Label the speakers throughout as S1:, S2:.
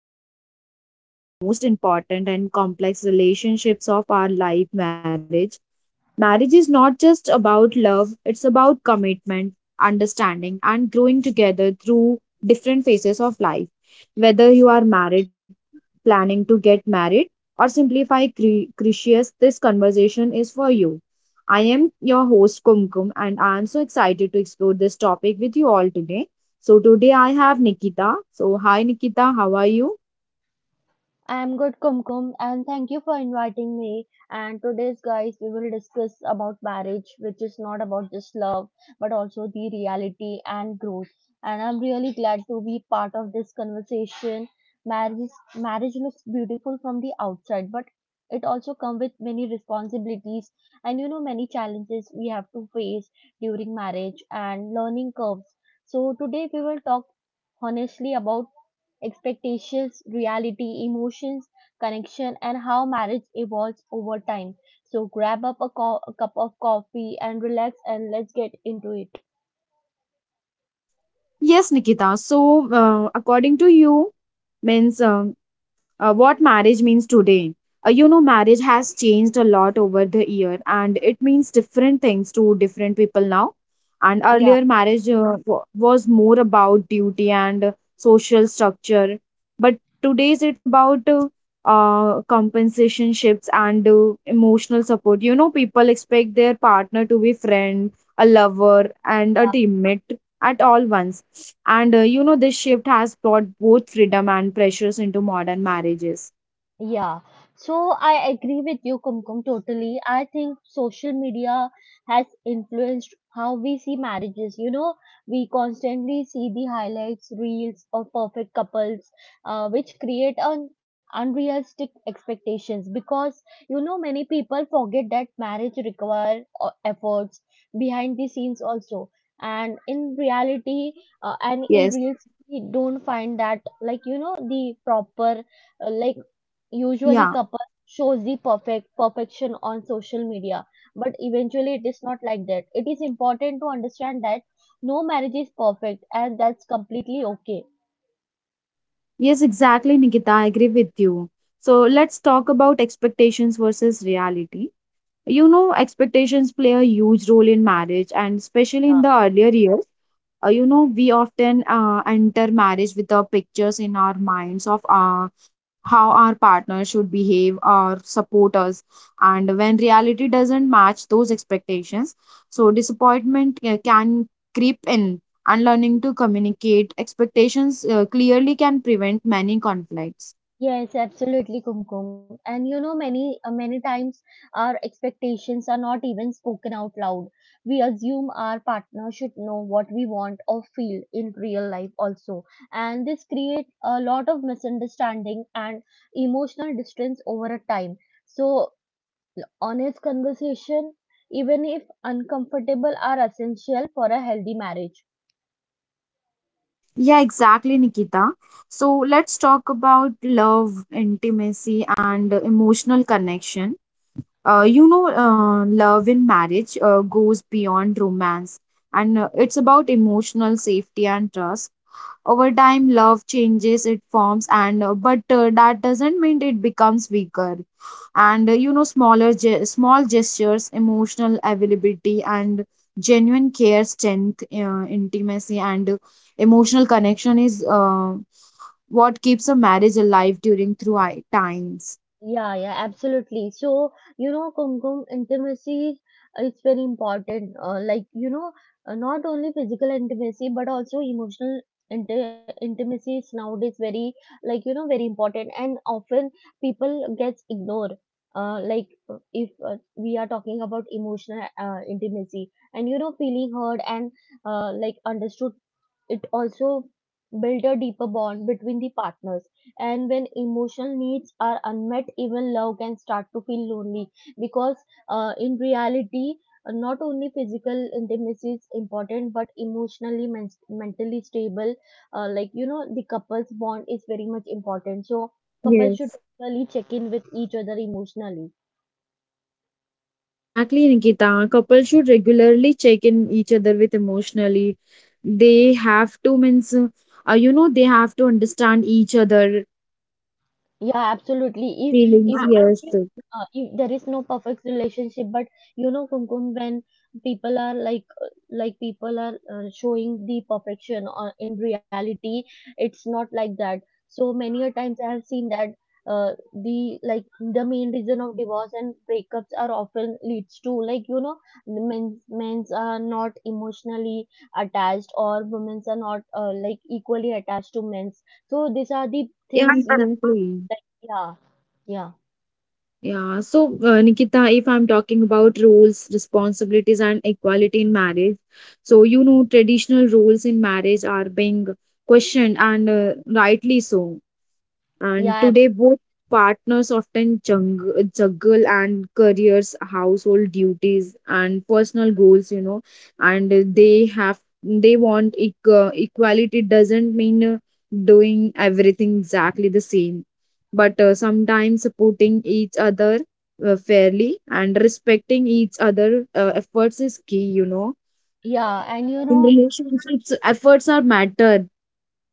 S1: diving into one of the most important and complex relationships of our life, marriage. Marriage is not just about love, it's about commitment, understanding, and growing together through different phases of life. Whether you are married planning to get married, or simplify Critias, this conversation is for you. I am your host Kumkum, and I am so excited to explore this topic with you all today. So today I have Nikita. So hi Nikita, how are you?
S2: I'm good, Kumkum, and thank you for inviting me. And today's, guys, we will discuss about marriage, which is not about just love, but also the reality and growth. And I'm really glad to be part of this conversation. Marriage, marriage looks beautiful from the outside, but it also comes with many responsibilities and you know many challenges we have to face during marriage and learning curves. So today we will talk honestly about expectations, reality, emotions, connection, and how marriage evolves over time. So grab up a, a cup of coffee and relax, and let's get into it.
S1: Yes, Nikita. So according to you, means what marriage means today. Marriage has changed a lot over the year, and it means different things to different people now. And
S2: Yeah.
S1: earlier, marriage was more about duty and social structure, but today's it's about compensationships and emotional support. You know, people expect their partner to be friend, a lover, and a teammate at all once and you know, this shift has brought both freedom and pressures into modern marriages.
S2: Yeah, so I agree with you, Kumkum, totally. I think social media has influenced how we see marriages. You know, we constantly see the highlights, reels of perfect couples, which create an unrealistic expectations because, you know, many people forget that marriage require efforts behind the scenes also. And in reality, and in
S1: Yes,
S2: reels, we don't find that, like, you know, the proper uh, like usually
S1: yeah,
S2: couple shows the perfect perfection on social media, but eventually it is not like that. It is important to understand that no marriage is perfect, and that's completely okay.
S1: yes, exactly, Nikita. I agree with you. So let's talk about expectations versus reality. You know, expectations play a huge role in marriage, and especially in the earlier years, you know we often enter marriage with the pictures in our minds of how our partner should behave or support us, and when reality doesn't match those expectations, so disappointment can creep in, and learning to communicate expectations clearly can prevent many conflicts.
S2: Yes, absolutely, Kumkum. And you know many times our expectations are not even spoken out loud. We assume our partner should know what we want or feel in real life also, and this creates a lot of misunderstanding and emotional distance over a time. So honest conversation, even if uncomfortable, are essential for a healthy marriage.
S1: Yeah, exactly, Nikita. So let's talk about love, intimacy and emotional connection. Love in marriage goes beyond romance, and it's about emotional safety and trust. Over time, love changes, it forms, and but that doesn't mean it becomes weaker. And you know, small gestures, emotional availability, and genuine care, strength, intimacy, and emotional connection is what keeps a marriage alive during times.
S2: Yeah, yeah, absolutely. So, you know, Kumkum, intimacy, it's very important. You know, not only physical intimacy, but also emotional
S1: Yeah.
S2: intimacy is nowadays very, like, you know, very important. And often people gets ignored. If we are talking about emotional intimacy and, you know, feeling heard and, like, understood, it also build a deeper bond between the partners. And when emotional needs are unmet, even love can start to feel lonely, because in reality not only physical intimacy is important, but emotionally mentally stable, like you know, the couple's bond is very much important. So couples should
S1: Yes.
S2: really check in with each other emotionally.
S1: Yeah, exactly, Nikita. Couples should regularly check in each other with emotionally. They have to means you know they have to understand each other
S2: Yeah, absolutely. If
S1: feelings.
S2: if
S1: Yes.
S2: if there is no perfect relationship, but you know, Kumkum, when people are showing the perfection, or in reality, it's not like that. So many a times I have seen that the like the main reason of divorce and breakups are often leads to, like you know, the men's are not emotionally attached, or women's are not like equally attached to men's. So these are the
S1: Yeah,
S2: things.
S1: exactly.
S2: yeah, yeah,
S1: Yeah. So, Nikita, if I'm talking about roles, responsibilities, and equality in marriage, so you know traditional roles in marriage are being questioned and rightly so. And
S2: yeah, ab-
S1: today, both partners often juggle and careers, household duties, and personal goals, you know, and they have they want equality doesn't mean doing everything exactly the same, but sometimes supporting each other fairly and respecting each other efforts is key, you know.
S2: yeah. And you
S1: In
S2: know,
S1: relationships, efforts are matter.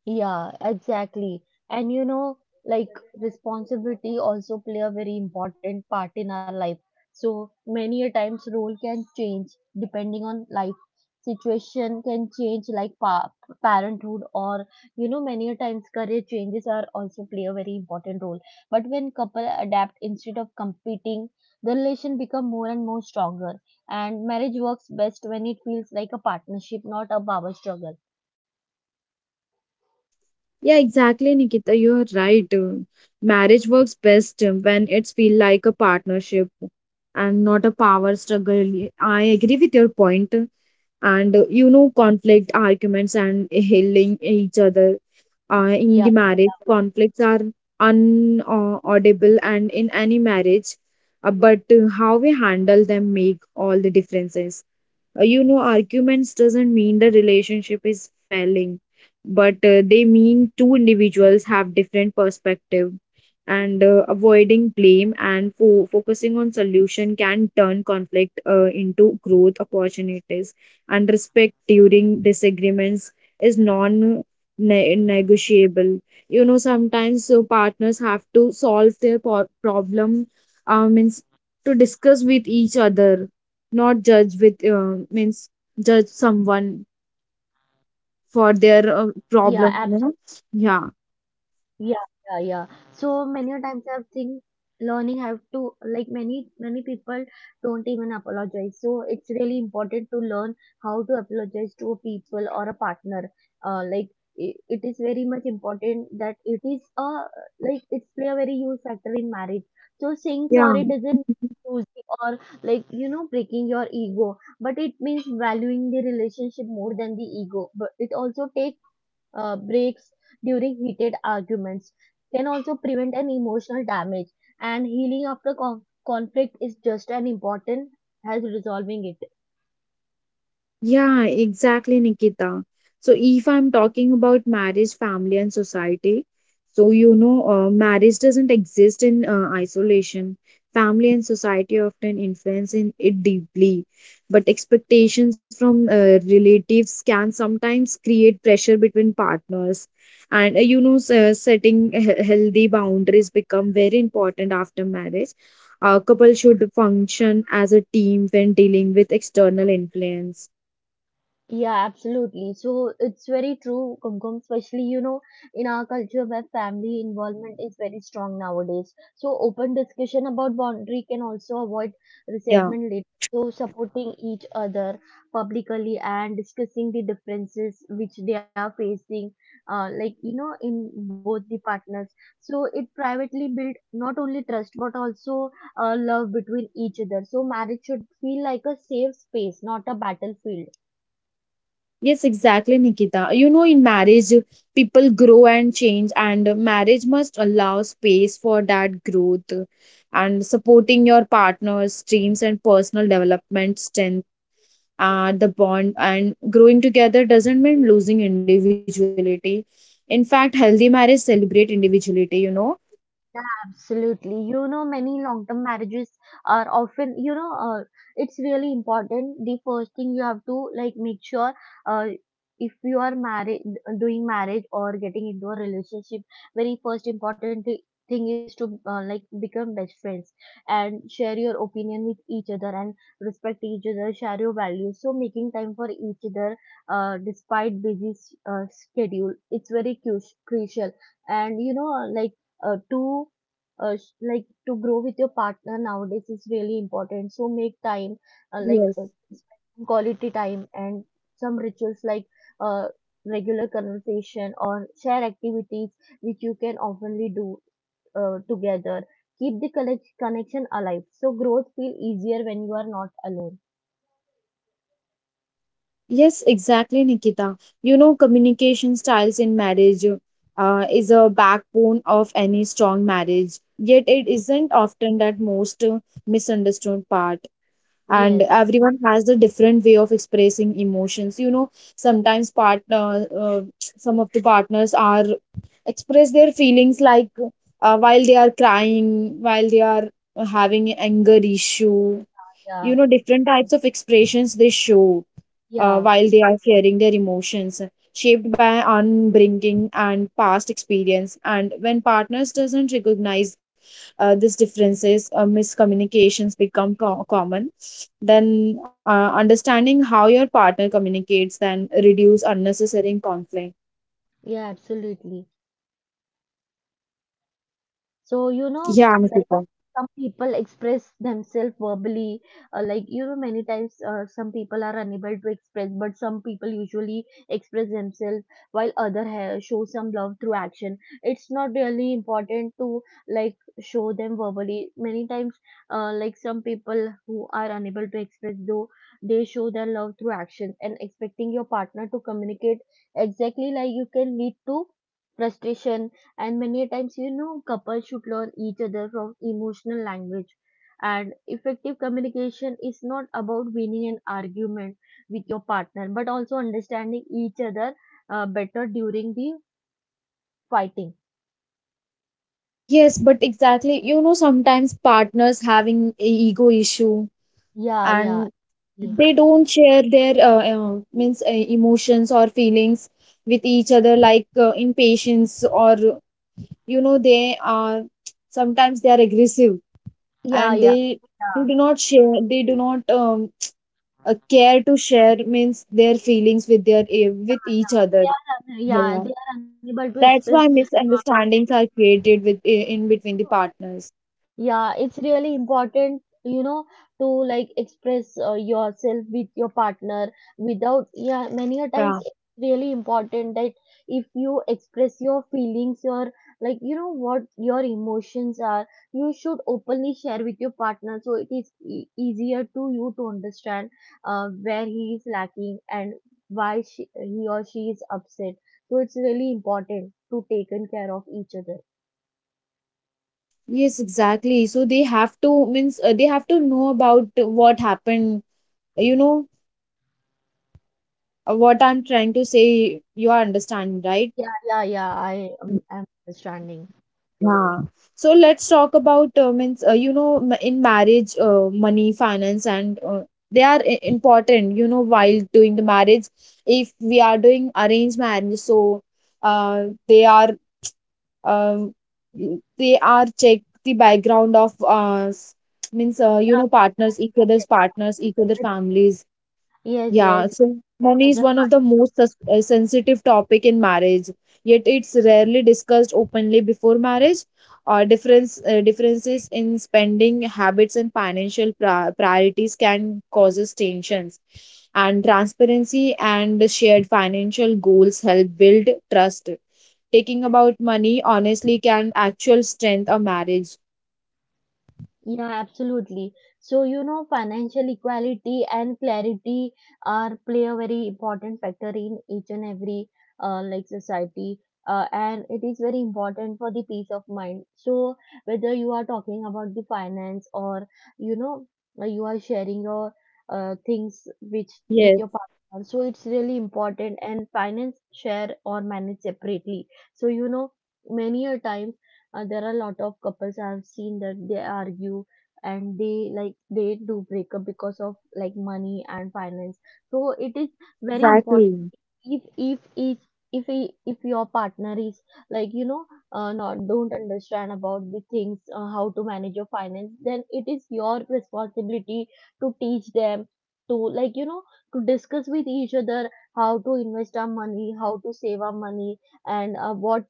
S2: yeah, exactly. And you know, like, responsibility also play a very important part in our life. So many a times role can change. Depending on life, situation can change, like parenthood, or you know, many a times career changes are also play a very important role. But when couple adapt instead of competing, the relation become more and more stronger, and marriage works best when it feels like a partnership, not a power struggle.
S1: Yeah, exactly, Nikita. You're right. Marriage works best when it's feel like a partnership and not a power struggle. I agree with your point. And you know, conflict, arguments, and healing each other in the
S2: yeah
S1: marriage. Conflicts are unavoidable, and in any marriage, but how we handle them make all the differences. You know arguments doesn't mean the relationship is failing but they mean two individuals have different perspective, and avoiding blame and focusing on solution can turn conflict into growth opportunities, and respect during disagreements is non negotiable. You know sometimes so partners have to solve their problem, um, means to discuss with each other, not judge with means judge someone for their
S2: yeah
S1: problem, you know. Yeah,
S2: Yeah, yeah, yeah. So many a times I think learning have to, like, many many people don't even apologize. So it's really important to learn how to apologize to a people or a partner. Uh, like it, it is very much important that it is a, like, it's play a very huge factor in marriage. So saying
S1: yeah.
S2: sorry doesn't lose, or like you know, breaking your ego, but it means valuing the relationship more than the ego. But it also takes breaks during heated arguments, can also prevent an emotional damage, and healing after conflict is just as important as resolving it.
S1: Yeah, exactly, Nikita. So, if I'm talking about marriage, family, and society, so you know, marriage doesn't exist in isolation. Family and society often influence in it deeply, but expectations from relatives can sometimes create pressure between partners. And you know, setting healthy boundaries become very important after marriage. A couple should function as a team when dealing with external influence.
S2: Yeah, absolutely. So it's very true, Kumkum, especially, you know, in our culture where family involvement is very strong nowadays. So open discussion about boundary can also avoid
S1: Yeah.
S2: resentment later. So supporting each other publicly and discussing the differences which they are facing, like, you know, in both the partners. So it privately build not only trust, but also love between each other. So marriage should feel like a safe space, not a battlefield.
S1: Yes, exactly, Nikita. You know, in marriage, people grow and change, and marriage must allow space for that growth, and supporting your partner's dreams and personal development, strength, the bond, and growing together doesn't mean losing individuality. In fact, healthy marriage celebrate individuality, you know.
S2: Absolutely. You know, many long-term marriages are often, it's really important. The first thing you have to like make sure, uh, if you are married, doing marriage or getting into a relationship, very first important thing is to like become best friends and share your opinion with each other and respect each other, share your values. So making time for each other despite busy schedule, it's very crucial. And you know, uh, to like, to grow with your partner nowadays is really important. So make time, uh, like
S1: Yes.
S2: uh, quality time, and some rituals like uh, regular conversation or share activities which you can oftenly do together, keep the connection alive. So growth feel easier when you are not alone.
S1: Yes, exactly, Nikita. You know, communication styles in marriage is a backbone of any strong marriage, yet it isn't often that most misunderstood part. And
S2: Yes,
S1: everyone has a different way of expressing emotions. You know, sometimes some of the partners are express their feelings like while they are crying, while they are having anger issue. You know,
S2: yeah,
S1: different types of expressions they show
S2: yeah,
S1: while they are sharing their emotions shaped by upbringing and past experience, and when partners doesn't recognize these differences, miscommunications become common, then understanding how your partner communicates then reduce unnecessary conflict.
S2: yeah, absolutely. So you know,
S1: Yeah, Anushika.
S2: some people express themselves verbally. You know, many times, some people are unable to express, but some people usually express themselves, while other show some love through action. It's not really important to like show them verbally many times. Some people who are unable to express, though they show their love through action, and expecting your partner to communicate exactly like you can lead to frustration. And many times you know, couples should learn each other from emotional language. And effective communication is not about winning an argument with your partner, but also understanding each other better during the fighting.
S1: Yes, but exactly, you know sometimes partners having a ego issue,
S2: Yeah, yeah.
S1: and
S2: Yeah.
S1: they don't share their means emotions or feelings with each other like impatience or you know they are sometimes they are aggressive,
S2: Yeah, yeah,
S1: and
S2: yeah.
S1: they do not share, they do not care to share means their feelings with their with each other.
S2: They are, yeah,
S1: Yeah,
S2: they are unable to
S1: that's
S2: express.
S1: why misunderstandings are created with in between the partners.
S2: Yeah, it's really important, you know, to like express yourself with your partner without, yeah, many a
S1: Yeah,
S2: times it's really important that if you express your feelings, your, like, you know, what your emotions are, you should openly share with your partner. So it is e easier to you to understand where he is lacking, and why she, he or she is upset. So it's really important to taken care of each other.
S1: yes exactly, so they have to means they have to know about what happened, you know. What I'm trying to say, you are understanding, right?
S2: Yeah, yeah, yeah. I'm understanding.
S1: Yeah. So let's talk about means you know in marriage, money, finance, and they are important. You know while doing the marriage, if we are doing arranged marriage, so they are, um, they are check the background of means you know partners, each other's partners, each other
S2: Yes,
S1: families.
S2: yes.
S1: Yeah,
S2: Yes.
S1: so money is
S2: But
S1: one of the most sensitive topic in marriage, yet it's rarely discussed openly before marriage. Differences in spending habits and financial priorities can causes tensions, and transparency and shared financial goals help build trust. Taking about money honestly can actual strength a marriage.
S2: yeah, absolutely. So, you know, financial equality and clarity are play a very important factor in each and every like society. And it is very important for the peace of mind. So, whether you are talking about the finance, or you know, you are sharing your things which with
S1: Yes,
S2: your partner, so it's really important. And finance share or manage separately. So, you know, many a times there are a lot of couples I've seen that they argue and they, like, they do break up because of like money and finance. So it is very important.
S1: exactly.
S2: If if each if he, if your partner is, like you know, not don't understand about the things, how to manage your finance, then it is your responsibility to teach them, to like you know, to discuss with each other how to invest our money, how to save our money, and what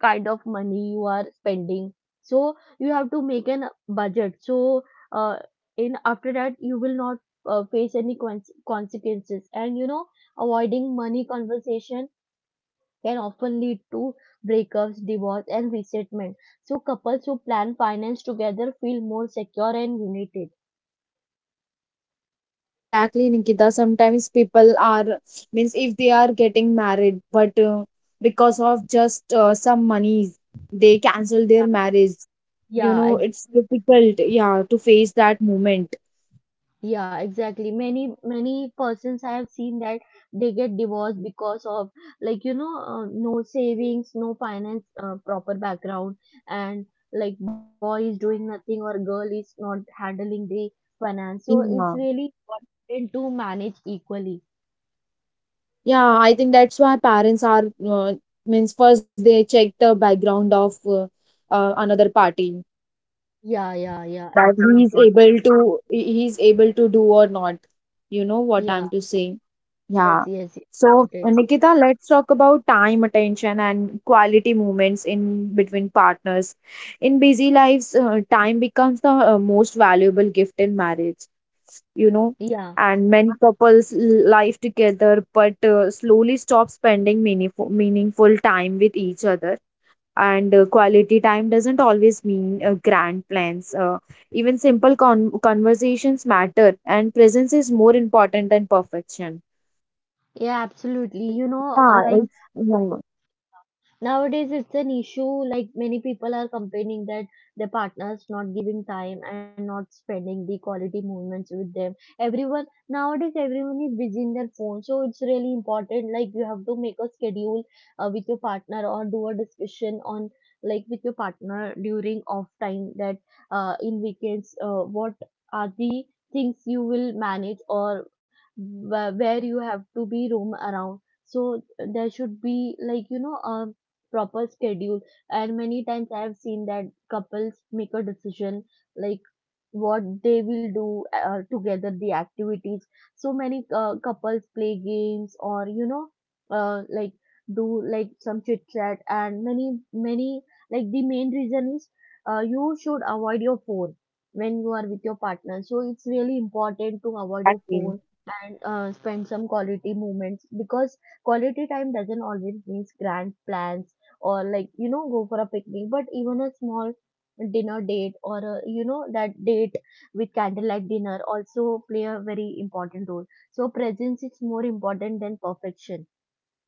S2: kind of money you are spending. So you have to make an budget. So uh, in after that you will not face any consequences. And you know, avoiding money conversation can often lead to breakups, divorce and resentment. So couples who plan finance together feel more secure and united.
S1: Yes, exactly, Nikita. Sometimes people are means if they are getting married, but because of just some monies, they cancel their marriage. You
S2: Yeah.
S1: know, it's difficult, yeah, to face that moment.
S2: Yeah, exactly. Many persons I have seen that they get divorced because of, like you know, no savings, no finance, proper background, and like, boy is doing nothing or girl is not handling the finance. So it's really
S1: Yeah,
S2: important to manage equally.
S1: yeah. I think that's why parents are means first they check the background of another party,
S2: Yeah, yeah, yeah,
S1: that
S2: absolutely.
S1: he's able to do or not. You know what
S2: Yeah,
S1: I'm to say.
S2: yes,
S1: Yeah.
S2: yes,
S1: So,
S2: it.
S1: Nikita, let's talk about time, attention, and quality moments in between partners. In busy lives, time becomes the most valuable gift in marriage, you know,
S2: Yeah,
S1: and many couples live together but slowly stop spending meaningful time with each other. And quality time doesn't always mean grand plans. Even simple conversations matter, and presence is more important than perfection.
S2: yeah, absolutely. You know,
S1: Yeah, it's yeah,
S2: nowadays, it's an issue. Like many people are complaining that their partners not giving time and not spending the quality moments with them. Everyone nowadays, everyone is busy in their phone, so it's really important. Like you have to make a schedule with your partner or do a discussion on, like, with your partner during off time, that in weekends, what are the things you will manage, or where you have to be roam around. So there should be, like, you know, a proper schedule. And many times I have seen that couples make a decision, like, what they will do, together, the activities. So many couples play games, or, you know, like do, like, some chit chat. And many many, like, the main reason is, you should avoid your phone when you are with your partner, so it's really important to avoid your
S1: exactly.
S2: phone. And spend some quality moments, because quality time doesn't always mean grand plans or, like, you know, go for a picnic, but even a small dinner date or a, you know, that date with candlelight dinner also play a very important role. So presence is more important than perfection.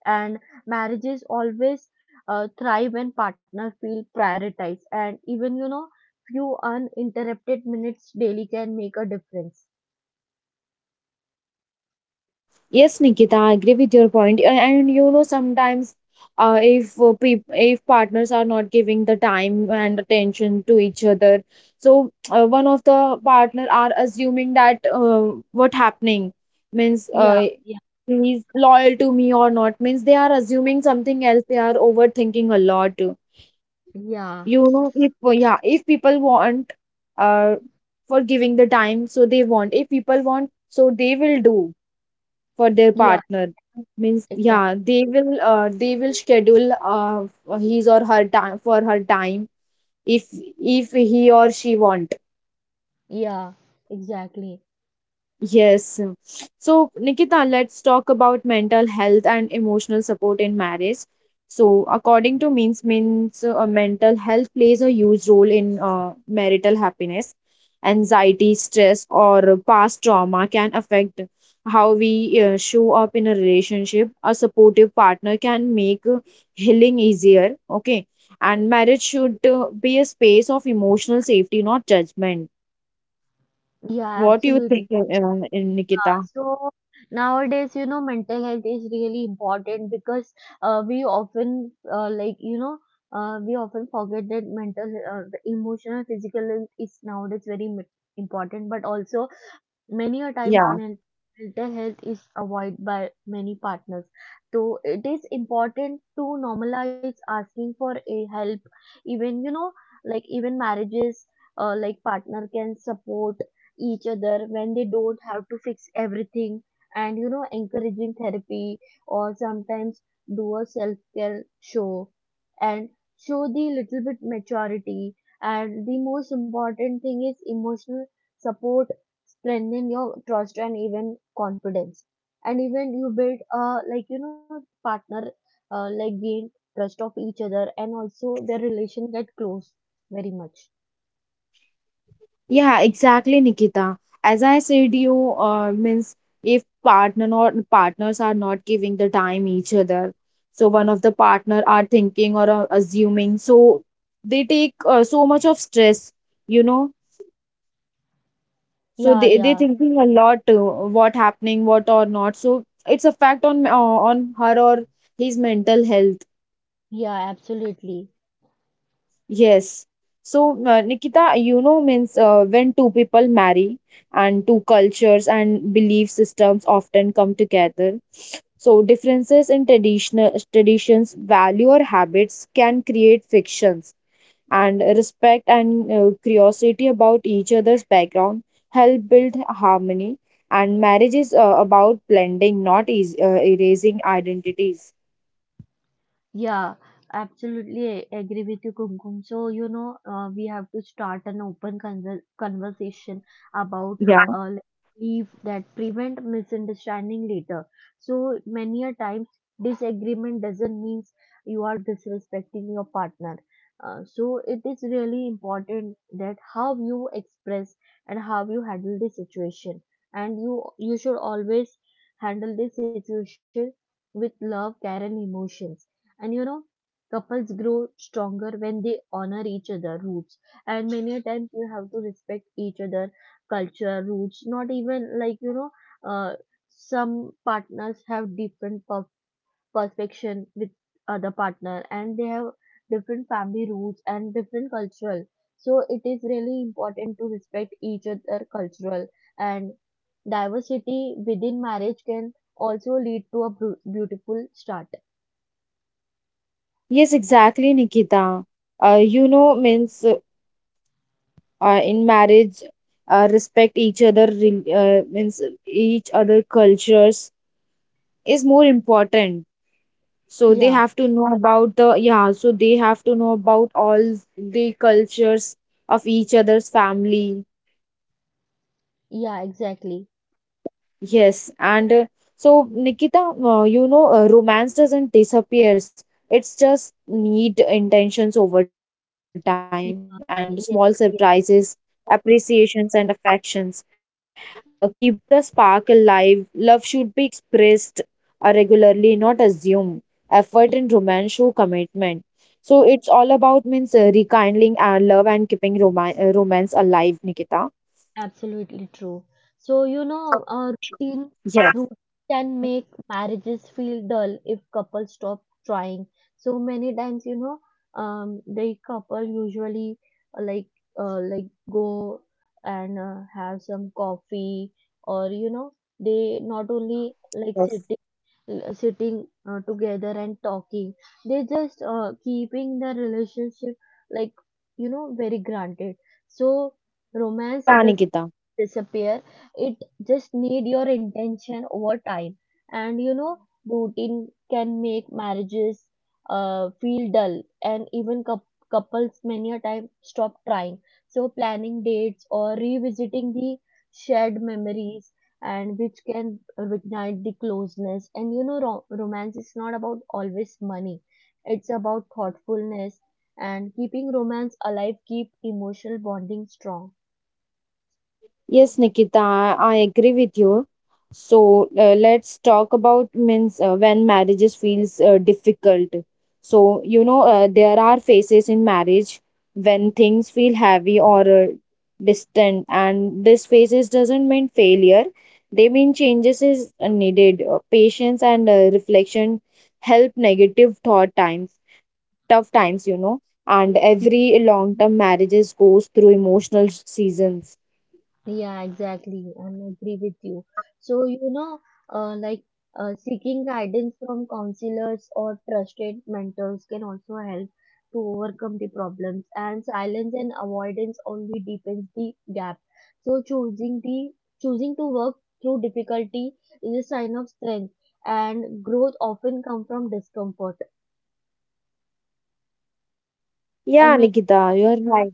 S2: And marriages always thrive when partners feel prioritized, and even, you know, few uninterrupted minutes daily can make a difference.
S1: Yes, Nikita, I agree with your point. And, you know, sometimes if partners are not giving the time and attention to each other, so one of the partner are assuming that what happening, means he's loyal to me or not, means they are assuming something else. They are overthinking a lot.
S2: Yeah,
S1: You know, if yeah, if people want uh, for giving the time, so they want. If people want, so they will do for their
S2: yeah,
S1: partner. Means yeah,
S2: exactly.
S1: they will schedule his or her time for her time if he or she want.
S2: Yeah, exactly.
S1: Yes. So, Nikita, let's talk about mental health and emotional support in marriage. So, according to means means mental health plays a huge role in marital happiness. Anxiety, stress, or past trauma can affect how we show up in a relationship. A supportive partner can make healing easier. Okay, and marriage should be a space of emotional safety, not judgment.
S2: Yeah,
S1: What do you
S2: absolutely.
S1: think, Nikita?
S2: Yeah. So nowadays, you know, mental health is really important, because we often, like, you know, we often forget that mental, the emotional, physical health is nowadays very important. But also, many a times,
S1: Yeah,
S2: mental health is avoided by many partners. So it is important to normalize asking for a help. Even, you know, like, even marriages, like partner can support each other when they don't have to fix everything. And, you know, encouraging therapy, or sometimes do a self-care show, and show the little bit maturity. And the most important thing is emotional support strengthen your trust and even confidence. And even you build, uh, like, you know, partner, like gain trust of each other, and also
S1: yes.
S2: their relation get close very much.
S1: Yeah, exactly, Nikita. As I said, you means if partner or partners are not giving the time each other, so one of the partner are thinking or assuming, so they take so much of stress, you know. So
S2: Yeah,
S1: they
S2: yeah,
S1: thinking a lot what happening, what or not. So it's a fact on her or his mental health.
S2: yeah, absolutely.
S1: Yes. So, Nikita, you know, means when two people marry and two cultures and belief systems often come together. So, differences in traditional traditions, value or habits can create fictions, and respect and curiosity about each other's background help build harmony. And marriage is about blending, not is erasing identities.
S2: Yeah, absolutely, I agree with you, Kumkum. So, you know, we have to start an open conversation about
S1: Yeah.
S2: uh, leave that prevent misunderstanding later. So, many a times, disagreement doesn't mean you are disrespecting your partner. So, it is really important that how you express and how you handle the situation. And you should always handle this situation with love, care, and emotions. And, you know, couples grow stronger when they honor each other roots. And many a times you have to respect each other culture roots. Not even, like, you know, uh, some partners have different perfection with other partner, and they have different family roots and different cultural. So it is really important to respect each other cultural. And diversity within marriage can also lead to a beautiful start.
S1: Yes, exactly, Nikita. You know, means In marriage, respect each other means each other cultures is more important, so they
S2: Yeah.
S1: have to know about the yeah so they have to know about all the cultures of each other's family.
S2: Yeah, exactly.
S1: Yes, and so Nikita, romance doesn't disappears. It's just need intentions over time and small
S2: Y-
S1: surprises,
S2: Yes,
S1: appreciations, and affections. Keep the spark alive. Love should be expressed regularly, not assumed. Effort in romance show commitment.
S2: yes,
S1: So it's all about means rekindling our love and keeping romance romance alive, Nikita.
S2: absolutely true. So, you know,
S1: Yes,
S2: a routine can make marriages feel dull if couples stop trying. So many times, you know, the couple usually, like, like go and have some coffee, or, you know, they not only
S1: yes.
S2: like sitting, sitting together and talking. They just, keeping the relationship, like, you know, very granted. So
S1: Yeah,
S2: romance
S1: Nikita.
S2: disappear. It just need your intention over time. And, you know, routine can make marriages feel dull, and even couples many a time stop trying. So planning dates or revisiting the shared memories, and which can reignite the closeness. And, you know, romance is not about always money. It's about thoughtfulness and keeping romance alive, keep emotional bonding strong.
S1: Yes, Nikita, I agree with you. So let's talk about means when marriages feels difficult. So you know there are phases in marriage when things feel heavy or distant, and this phases doesn't mean failure. They mean changes is needed. Patience and reflection help negative thought times, tough times, you know, and every long-term marriages goes through emotional seasons.
S2: Yeah, exactly. And I agree with you. So, you know, like, seeking guidance from counselors or trusted mentors can also help to overcome the problems. And silence and avoidance only deepens the gap. So, choosing to work through difficulty is a sign of strength. And growth often comes from discomfort.
S1: Yeah,
S2: And
S1: Nikita, you're right.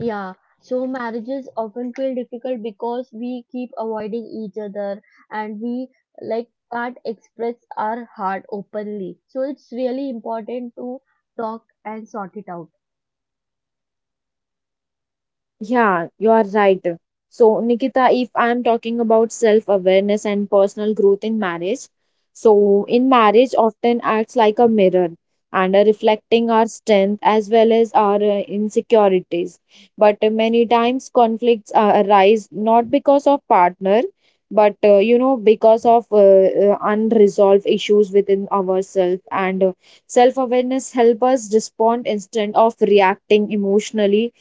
S2: yeah, so marriages often feel difficult because we keep avoiding each other, and we, like, can't express our heart openly. So it's really important to talk and sort it out.
S1: Yeah, you are right. So, Nikita, if I'm talking about self-awareness and personal growth in marriage, so in marriage often acts like a mirror and reflecting our strength as well as our insecurities. But many times conflicts arise not because of partner, but you know, because of unresolved issues within ourselves, and self-awareness help us respond instead of reacting emotionally,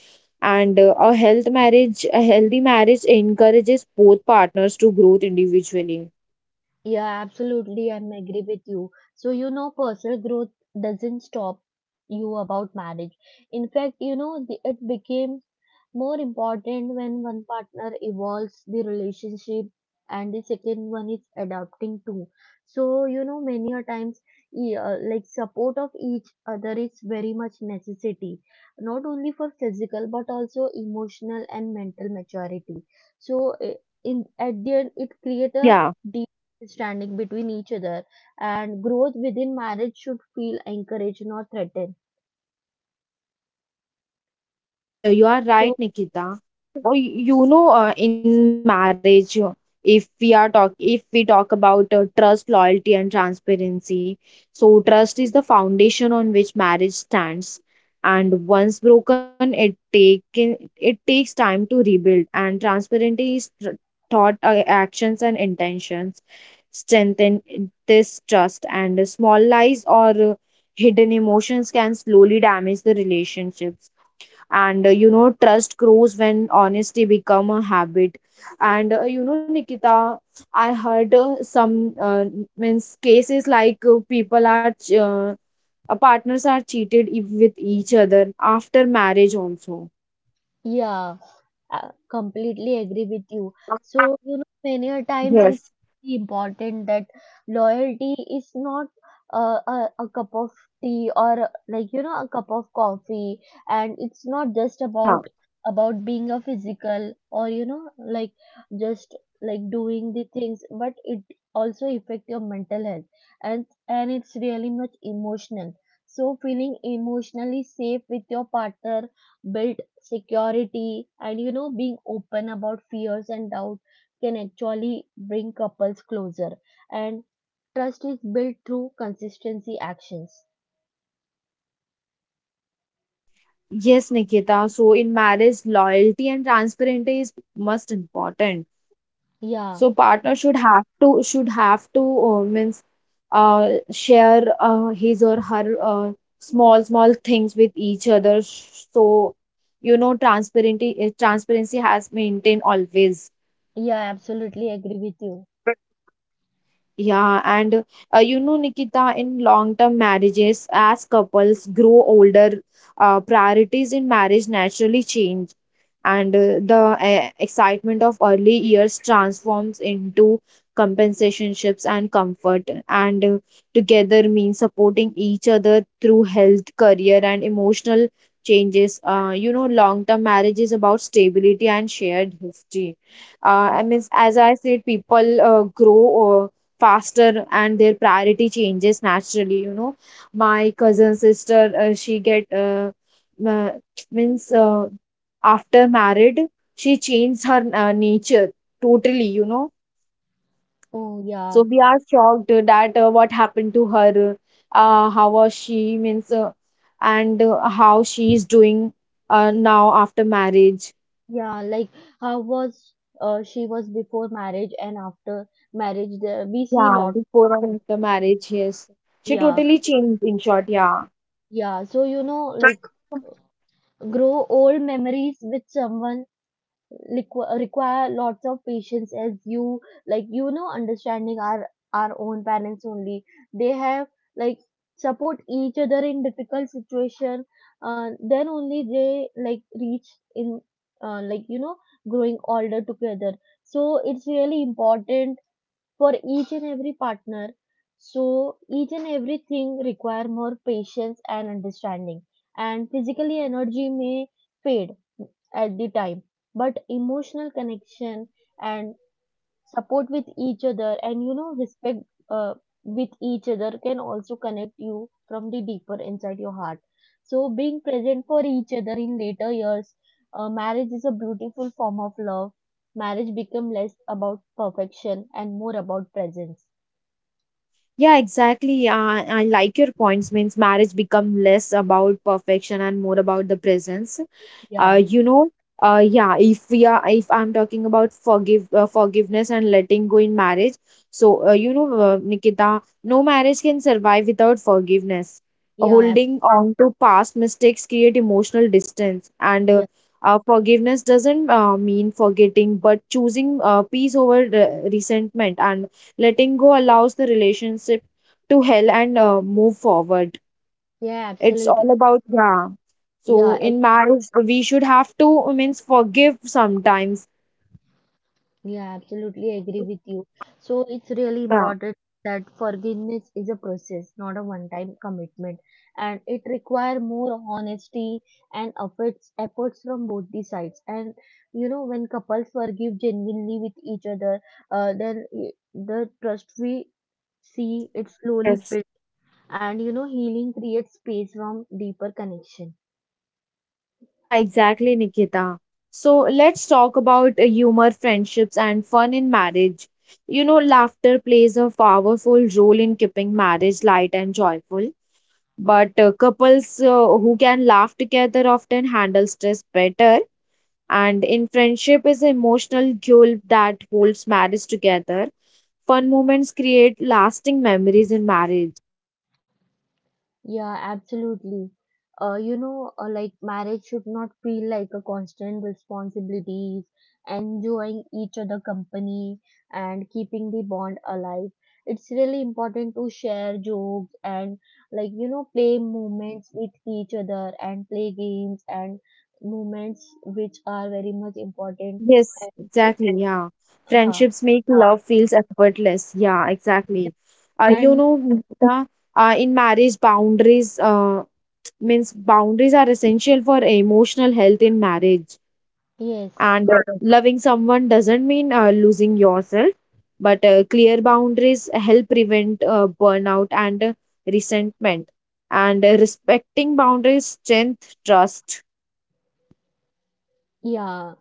S1: and a healthy marriage encourages both partners to grow individually.
S2: Yeah, absolutely. I'm agree with you. So, you know, personal growth doesn't stop you about marriage. In fact, you know, it became more important when one partner evolves the relationship and the second one is adapting too. So, you know, many a times, like support of each other is very much necessity, not only for physical but also emotional and mental maturity. So, eh, in at the end, it
S1: Yeah.
S2: create a standing between each other. And growth within marriage should feel encouraged, not threatened,
S1: Yes, you are
S2: so
S1: right, Nikita. You know, in marriage, if we talk about trust, loyalty, and transparency, so trust is the foundation on which marriage stands. And once broken, it takes time to rebuild. And transparency is tr thought, actions, and intentions strengthen this trust. And small lies or hidden emotions can slowly damage the relationships, and you know trust grows when honesty become a habit. And you know Nikita, I heard some means cases like partners are cheated with each other after marriage also.
S2: yeah. Completely agree with you. So, you know, many a times it's
S1: Yes.
S2: really important that loyalty is not a cup of tea, or, like, you know, a cup of coffee. And it's not just about
S1: Yeah,
S2: about being a physical, or, you know, like, just like doing the things, but it also affect your mental health. And it's really much emotional. So feeling emotionally safe with your partner built security. And, you know, being open about fears and doubt can actually bring couples closer. And trust is built through consistency actions.
S1: yes, Nikita, so in marriage loyalty and transparency is most important. So
S2: Yeah,
S1: partner should have to means share his or her small small things with each other. So you know transparency has maintained always.
S2: yeah, absolutely agree with you.
S1: Yeah, and you know, Nikita, in long-term marriages, as couples grow older, priorities in marriage naturally change, and the excitement of early years transforms into compensationships and comfort, and together means supporting each other through health, career, and emotional changes. You know, long-term marriage is about stability and shared history. I mean, as I said, people grow faster and their priority changes naturally, you know. My cousin sister she get uh, means after married she changed her nature totally, you know.
S2: Oh,
S1: So
S2: yeah.
S1: we are shocked that what happened to her, how was she means and how she is doing now after marriage.
S2: Yeah, like, how was, she was before marriage, and after marriage there we see
S1: Yeah,
S2: lot.
S1: before and after marriage, yes, she
S2: Yeah,
S1: totally changed in short. Yeah.
S2: yeah. So, you know, like, grow old memories with someone require lots of patience, as you, like, you know, understanding our own parents only. They have, like, support each other in difficult situation. Then only they, like, reach in, like, you know, growing older together. So it's really important for each and every partner. So each and everything require more patience and understanding. And physically energy may fade at the time, but emotional connection and support with each other, and, you know, respect uh, with each other, can also connect you from the deeper inside your heart. So being present for each other in later years, marriage is a beautiful form of love. Marriage become less about perfection and more about presence.
S1: Yeah, exactly. I like your points. Means marriage become less about perfection and more about the presence. uh,
S2: Yeah.
S1: you know yeah, if we are if I'm talking about forgiveness and letting go in marriage. So Nikita, no marriage can survive without forgiveness.
S2: yeah ab-
S1: Holding on to past mistakes create emotional distance, and
S2: yeah,
S1: forgiveness doesn't mean forgetting, but choosing peace over resentment, and letting go allows the relationship to heal and move forward.
S2: yeah,
S1: It's
S2: absolutely.
S1: all about, yeah. So
S2: Yeah.
S1: in marriage, we should have to, means forgive sometimes.
S2: Yeah, absolutely agree with you. So it's really
S1: Yeah,
S2: important that forgiveness is a process, not a one-time commitment, and it require more honesty and efforts from both the sides. And, you know, when couples forgive genuinely with each other, the trust, we see it slowly
S1: yes.
S2: builds. And, you know, healing creates space from deeper connection.
S1: Yeah, exactly, Nikita. So let's talk about humor, friendships, and fun in marriage. You know, laughter plays a powerful role in keeping marriage light and joyful. But couples who can laugh together often handle stress better, and in friendship is emotional glue that holds marriage together. Fun moments create lasting memories in marriage.
S2: Yeah, absolutely. You know, like, marriage should not feel like a constant responsibilities, enjoying each other company and keeping the bond alive. It's really important to share jokes and, like, you know, play moments with each other, and play games and moments which are very much important.
S1: Yes,
S2: to-
S1: exactly. Yeah.
S2: Huh.
S1: Friendships make love feels effortless. Yeah, exactly. You
S2: And
S1: know, Mumita, in marriage, boundaries are essential for emotional health in marriage.
S2: yes,
S1: And loving someone doesn't mean losing yourself, but clear boundaries help prevent burnout and resentment. And respecting boundaries strength trust.
S2: yeah.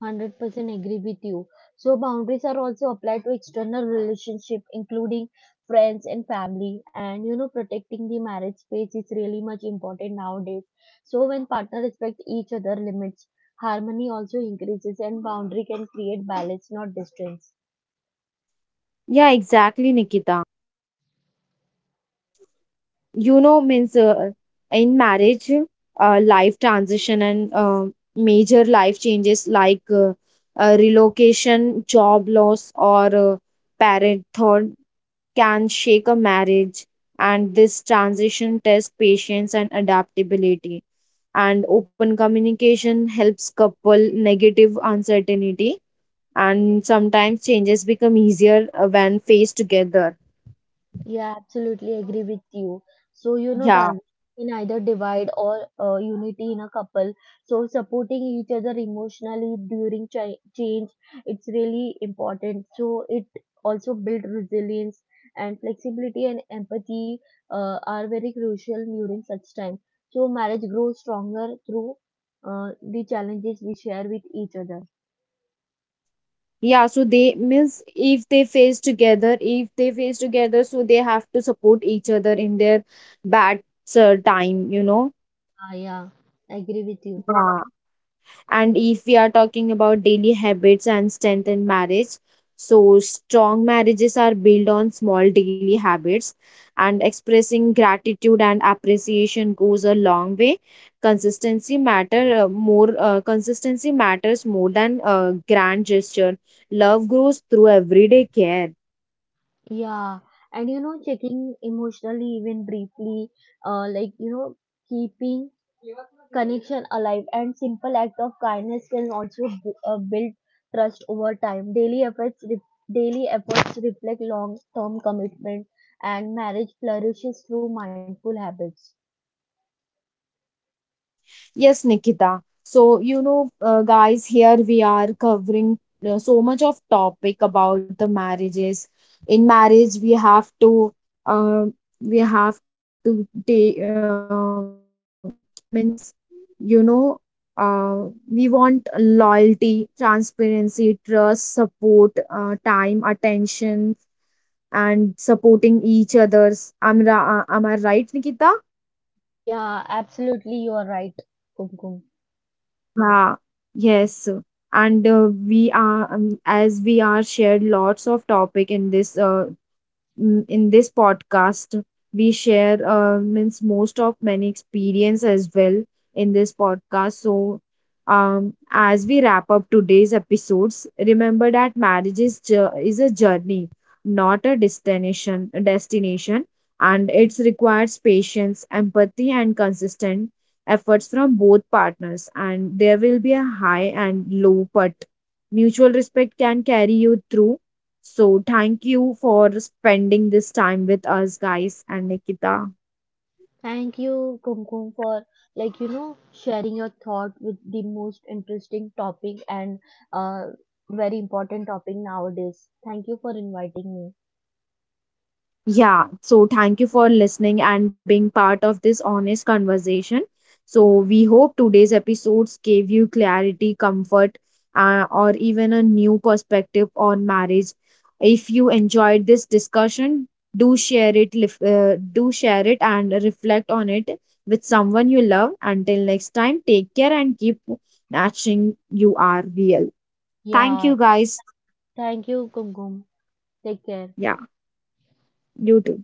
S2: 100% agree with you. So, boundaries are also applied to external relationship, including friends and family. And, you know, protecting the marriage space is really much important nowadays. So, when partner respect each other limits, harmony also increases, and boundary can create balance, not distance.
S1: Yeah, exactly, Nikita. You know means in marriage, life transition and major life changes like relocation, job loss, or parenthood can shake a marriage, and this transition tests patience and adaptability, and open communication helps couple negative uncertainty, and sometimes changes become easier when faced together.
S2: Yeah, absolutely agree with you. So, you know,
S1: Yeah.
S2: transition can either divide or unity in a couple. So, supporting each other emotionally during change, it's really important. So, it also build resilience and flexibility and empathy, are very crucial during such time. So, marriage grows stronger through the challenges we share with each other.
S1: Yeah, so they means if they face together, so they have to support each other in their bad time, you know.
S2: Ah, yeah, I agree with you.
S1: Yeah. And if we are talking about daily habits and strength in marriage, so strong marriages are built on small daily habits, and expressing gratitude and appreciation goes a long way. Consistency matter more. Consistency matters more than grand gesture. Love grows through everyday care.
S2: Yeah, and, you know, checking emotionally, even briefly, like, you know, keeping connection alive, and simple act of kindness can also build trust over time. Daily efforts reflect long-term commitment, and marriage flourishes through mindful habits.
S1: Yes, Nikita. So, you know, guys, here we are covering so much of topic about the marriages. In marriage, um, we have to take, means, you know, we want loyalty, transparency, trust, support, time, attention, and supporting each others. Am I right, Nikita?
S2: Yeah, absolutely, you are right, Kumkum.
S1: Yeah, yes. And we are, as we are shared lots of topic in this in this podcast, we share means most of many experience as well in this podcast. So as we wrap up today's episodes, remember that marriage is, is a journey, not a destination, and it requires patience, empathy, and consistent efforts from both partners, and there will be a high and low, but mutual respect can carry you through. So, thank you for spending this time with us, guys, and Nikita.
S2: Thank you, Kumkum, for, like, you know, sharing your thought with the most interesting topic and uh very important topic nowadays. Thank you for inviting me.
S1: Yeah, so thank you for listening and being part of this honest conversation. So, we hope today's episodes gave you clarity, comfort, or even a new perspective on marriage. If you enjoyed this discussion, do share it and reflect on it with someone you love. Until next time, take care and keep matching you are real. Thank
S2: Yeah,
S1: you, guys.
S2: thank you, Kumkum. Take care.
S1: Yeah, you too.